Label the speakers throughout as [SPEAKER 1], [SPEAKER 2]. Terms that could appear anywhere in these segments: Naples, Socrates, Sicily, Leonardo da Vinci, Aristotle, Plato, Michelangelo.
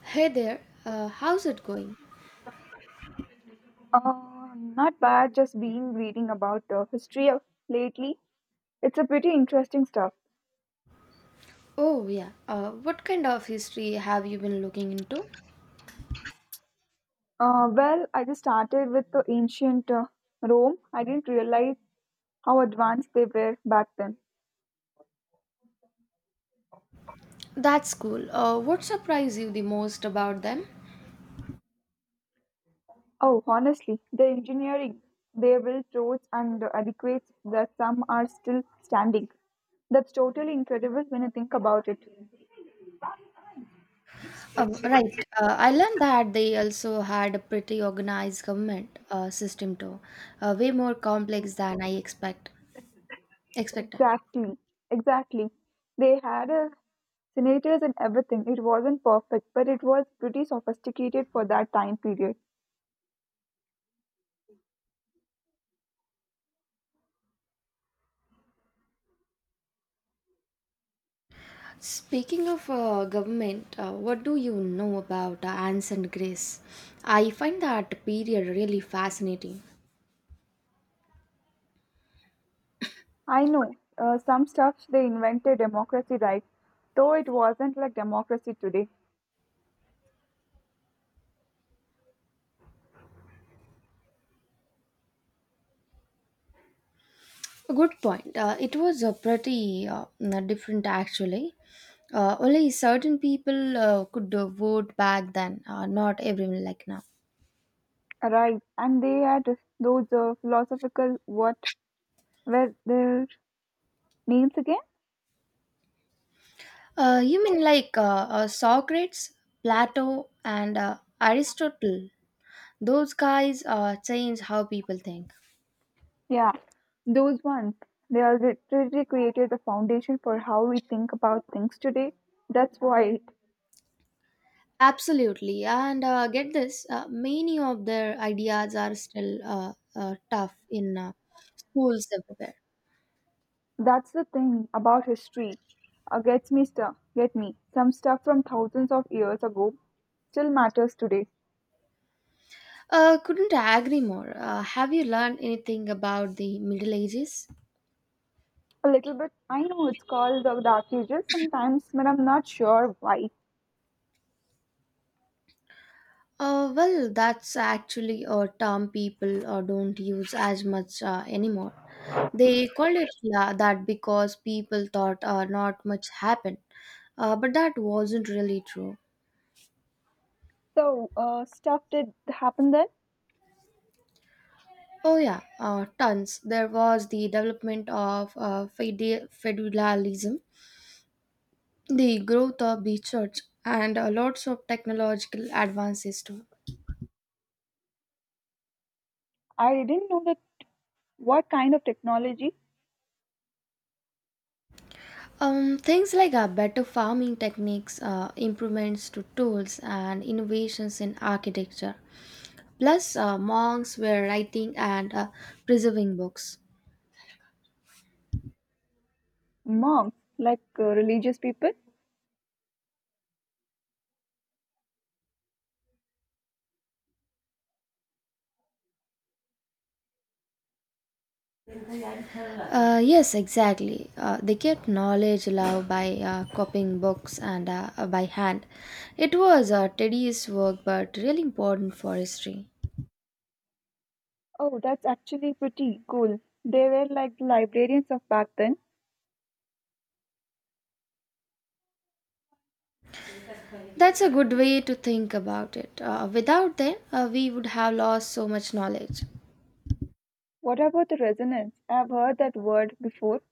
[SPEAKER 1] Hey there, how's it going?
[SPEAKER 2] Not bad. Just been reading about the history of lately. It's a pretty interesting stuff.
[SPEAKER 1] Oh, yeah, what kind of history have you been looking into?
[SPEAKER 2] I just started with the ancient Rome. I didn't realize how advanced they were back then.
[SPEAKER 1] That's cool. What surprised you the most about them?
[SPEAKER 2] Oh, honestly, the engineering, they built roads and adequates that some are still standing. That's totally incredible when you think about it.
[SPEAKER 1] Right, I learned that they also had a pretty organized government system too, way more complex than I expect expected.
[SPEAKER 2] Exactly, exactly. They had senators and everything. It wasn't perfect, but it was pretty sophisticated for that time period.
[SPEAKER 1] Speaking of government, what do you know about ancient Greece? I find that period really fascinating.
[SPEAKER 2] I know some stuff they invented democracy, right, though it wasn't like democracy today.
[SPEAKER 1] Good point. It was a pretty different actually. Only certain people could vote back then, not everyone like now.
[SPEAKER 2] Right, and they had those philosophical, what were their names again?
[SPEAKER 1] You mean like Socrates, Plato, and Aristotle? Those guys change how people think.
[SPEAKER 2] Yeah, those ones. They are literally created the foundation for how we think about things today. That's wild.
[SPEAKER 1] Absolutely. And get this, many of their ideas are still tough in schools everywhere.
[SPEAKER 2] That's the thing about history. Gets me stuff. Get me. Some stuff from thousands of years ago still matters today.
[SPEAKER 1] Couldn't agree more. Have you learned anything about the Middle Ages?
[SPEAKER 2] A little bit. I know it's called the Dark Ages sometimes, but I'm not sure why.
[SPEAKER 1] Well, that's actually a term people don't use as much anymore. They called it that because people thought not much happened, but that wasn't really true.
[SPEAKER 2] So, stuff did happen then.
[SPEAKER 1] Oh yeah, tons. There was the development of feudalism, the growth of the church, and lots of technological advances too.
[SPEAKER 2] I didn't know that. What kind of technology?
[SPEAKER 1] Things like better farming techniques, improvements to tools, and innovations in architecture. Plus, monks were writing and preserving books.
[SPEAKER 2] Monks, like religious people.
[SPEAKER 1] Yes, exactly. They kept knowledge alive by copying books and by hand. It was a tedious work, but really important for history.
[SPEAKER 2] Oh, that's actually pretty cool. They were like the librarians of back then.
[SPEAKER 1] That's a good way to think about it. Without them, we would have lost so much knowledge.
[SPEAKER 2] What about the resonance? I've heard that word before.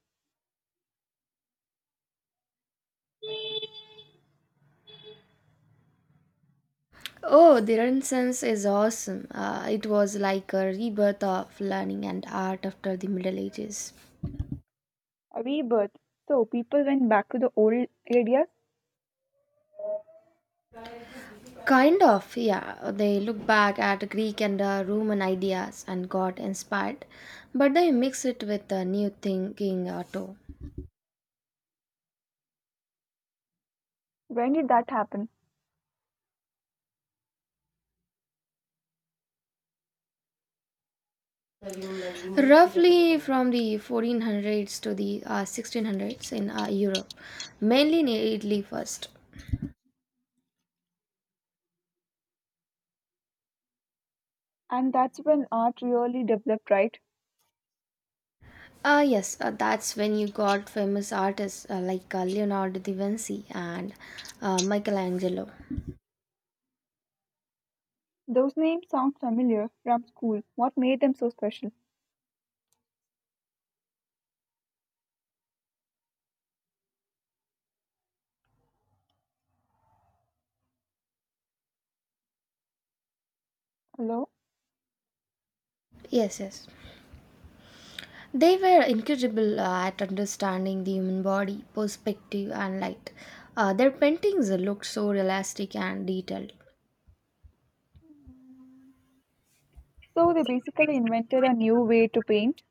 [SPEAKER 1] Oh, the Renaissance is awesome. It was like a rebirth of learning and art after the Middle Ages.
[SPEAKER 2] A rebirth. So people went back to the old areas.
[SPEAKER 1] Kind of, yeah. They looked back at Greek and Roman ideas and got inspired, but they mixed it with new thinking too.
[SPEAKER 2] When did that happen?
[SPEAKER 1] Roughly from the 1400s to the 1600s in Europe, mainly in Italy first.
[SPEAKER 2] And that's when art really developed, right?
[SPEAKER 1] Yes, that's when you got famous artists like Leonardo da Vinci and Michelangelo.
[SPEAKER 2] Those names sound familiar from school. What made them so special? Hello?
[SPEAKER 1] Yes, yes. They were incredible at understanding the human body, perspective, and light. Their paintings looked so realistic and detailed.
[SPEAKER 2] So they basically invented a new way to paint.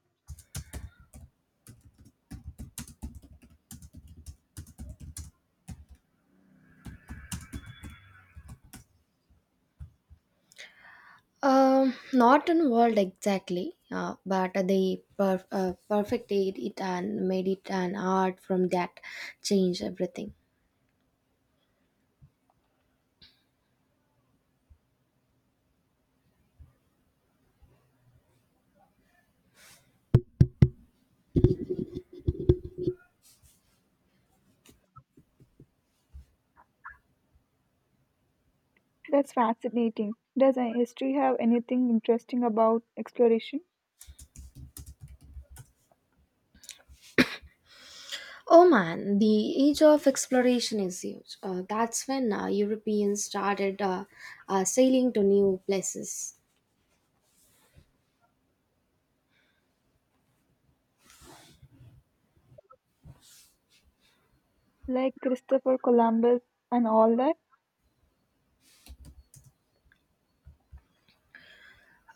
[SPEAKER 1] Not in world exactly, but they perfected it and made it an art from that changed everything.
[SPEAKER 2] That's fascinating. Does history have anything interesting about exploration?
[SPEAKER 1] Oh man, the age of exploration is huge. That's when Europeans started sailing to new places.
[SPEAKER 2] Like Christopher Columbus and all that?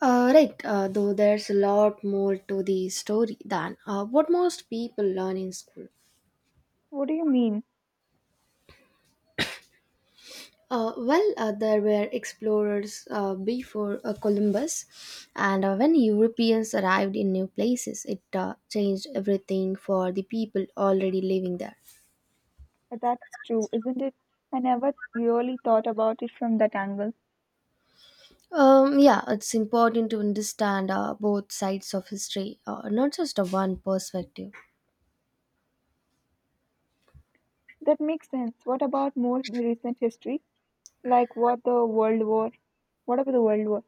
[SPEAKER 1] Right, though there's a lot more to the story than what most people learn in school.
[SPEAKER 2] What do you mean?
[SPEAKER 1] Well, there were explorers before Columbus, and when Europeans arrived in new places, it changed everything for the people already living there.
[SPEAKER 2] That's true, isn't it? I never really thought about it from that angle.
[SPEAKER 1] Yeah, it's important to understand both sides of history, not just a one perspective.
[SPEAKER 2] That makes sense. What about more recent history? Like what the World War? What about the World War?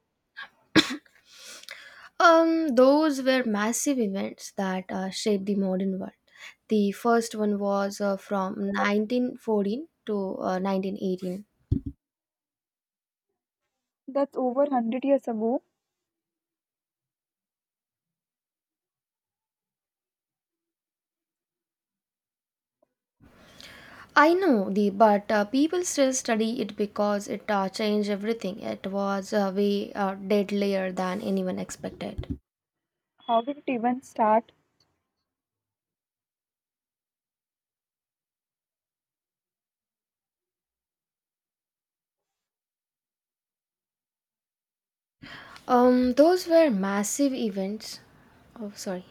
[SPEAKER 1] Those were massive events that shaped the modern world. The first one was from 1914 to 1918.
[SPEAKER 2] That's over 100 years ago.
[SPEAKER 1] I know the, but people still study it because it changed everything. It was way deadlier than anyone expected.
[SPEAKER 2] How did it even start?
[SPEAKER 1] Those were massive events. Oh, sorry.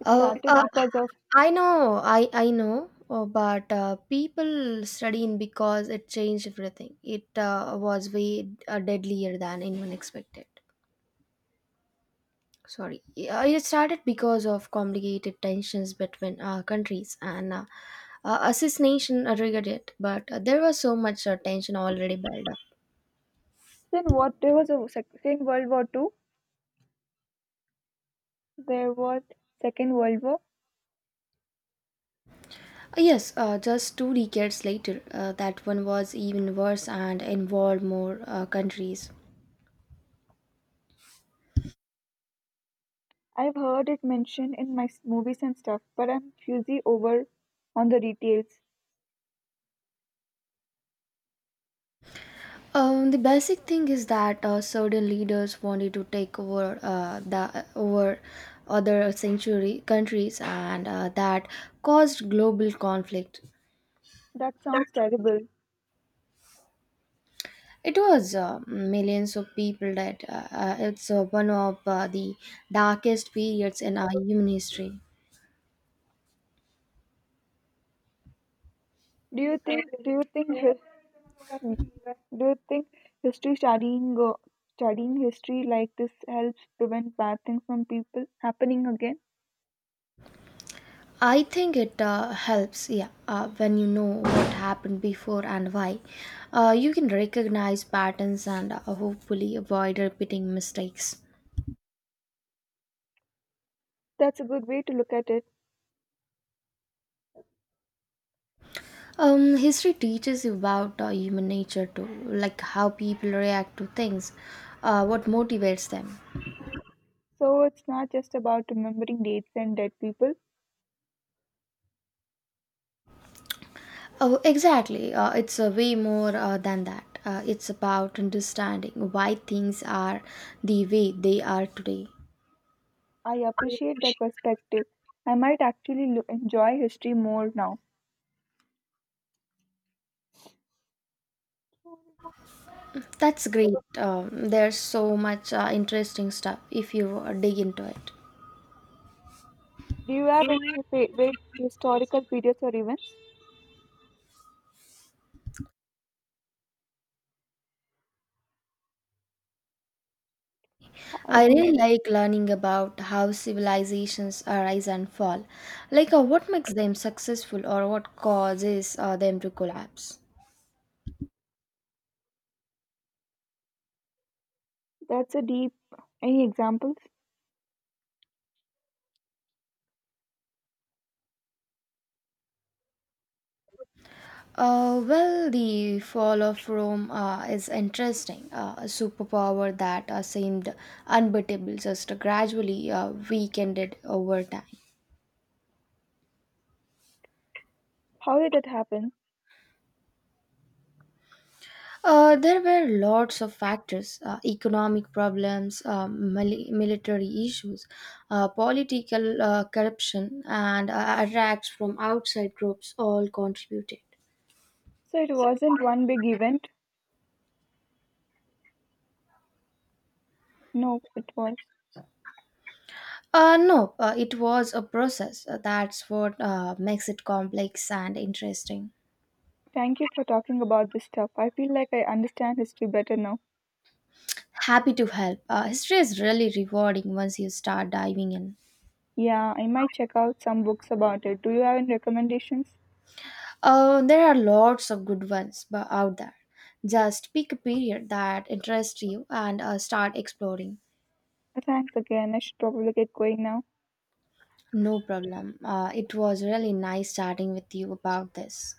[SPEAKER 2] It
[SPEAKER 1] Uh,
[SPEAKER 2] started
[SPEAKER 1] uh,
[SPEAKER 2] because of
[SPEAKER 1] I know, but people studying because it changed everything. It was way deadlier than anyone expected. Sorry, it started because of complicated tensions between countries and assassination triggered it. But there was so much tension already built up.
[SPEAKER 2] then what there was a second World War too. There was Second World War.
[SPEAKER 1] Yes, just two decades later, that one was even worse and involved more countries.
[SPEAKER 2] I've heard it mentioned in my movies and stuff, but I'm fuzzy over on the details.
[SPEAKER 1] The basic thing is that certain leaders wanted to take over the over other century countries, and that caused global conflict.
[SPEAKER 2] That sounds terrible.
[SPEAKER 1] It was millions of people that it's one of the darkest periods in our human history.
[SPEAKER 2] Do you think? Do you think? hi- Do you think history studying history like this helps prevent bad things from people happening again?
[SPEAKER 1] I think it helps, yeah, when you know what happened before and why. You can recognize patterns and hopefully avoid repeating mistakes.
[SPEAKER 2] That's a good way to look at it.
[SPEAKER 1] History teaches you about human nature too, like how people react to things, what motivates them.
[SPEAKER 2] So it's not just about remembering dates and dead people.
[SPEAKER 1] Oh, exactly. It's way more than that. It's about understanding why things are the way they are today.
[SPEAKER 2] I appreciate that perspective. I might actually enjoy history more now.
[SPEAKER 1] That's great. There's so much interesting stuff if you dig into it.
[SPEAKER 2] Do you have any favorite historical periods or events?
[SPEAKER 1] I
[SPEAKER 2] I
[SPEAKER 1] really like learning about how civilizations arise and fall, like what makes them successful or what causes them to collapse.
[SPEAKER 2] That's a deep. Any examples?
[SPEAKER 1] Well, the fall of Rome is interesting. A superpower that seemed unbeatable just gradually weakened it over time.
[SPEAKER 2] How did that happen?
[SPEAKER 1] There were lots of factors, economic problems, military issues, political corruption, and attacks from outside groups all contributed.
[SPEAKER 2] So it wasn't one big event. No, it was.
[SPEAKER 1] No, it was a process. That's what makes it complex and interesting.
[SPEAKER 2] Thank you for talking about this stuff. I feel like I understand history better now.
[SPEAKER 1] Happy to help. History is really rewarding once you start diving in.
[SPEAKER 2] Yeah, I might check out some books about it. Do you have any recommendations?
[SPEAKER 1] There are lots of good ones out there. Just pick a period that interests you and start exploring.
[SPEAKER 2] Thanks again. I should probably get going now.
[SPEAKER 1] No problem. It was really nice chatting with you about this.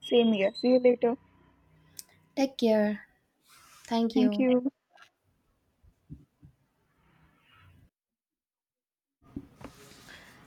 [SPEAKER 2] Same here. See you later.
[SPEAKER 1] Take care. Thank
[SPEAKER 2] Thank
[SPEAKER 1] you.
[SPEAKER 2] you.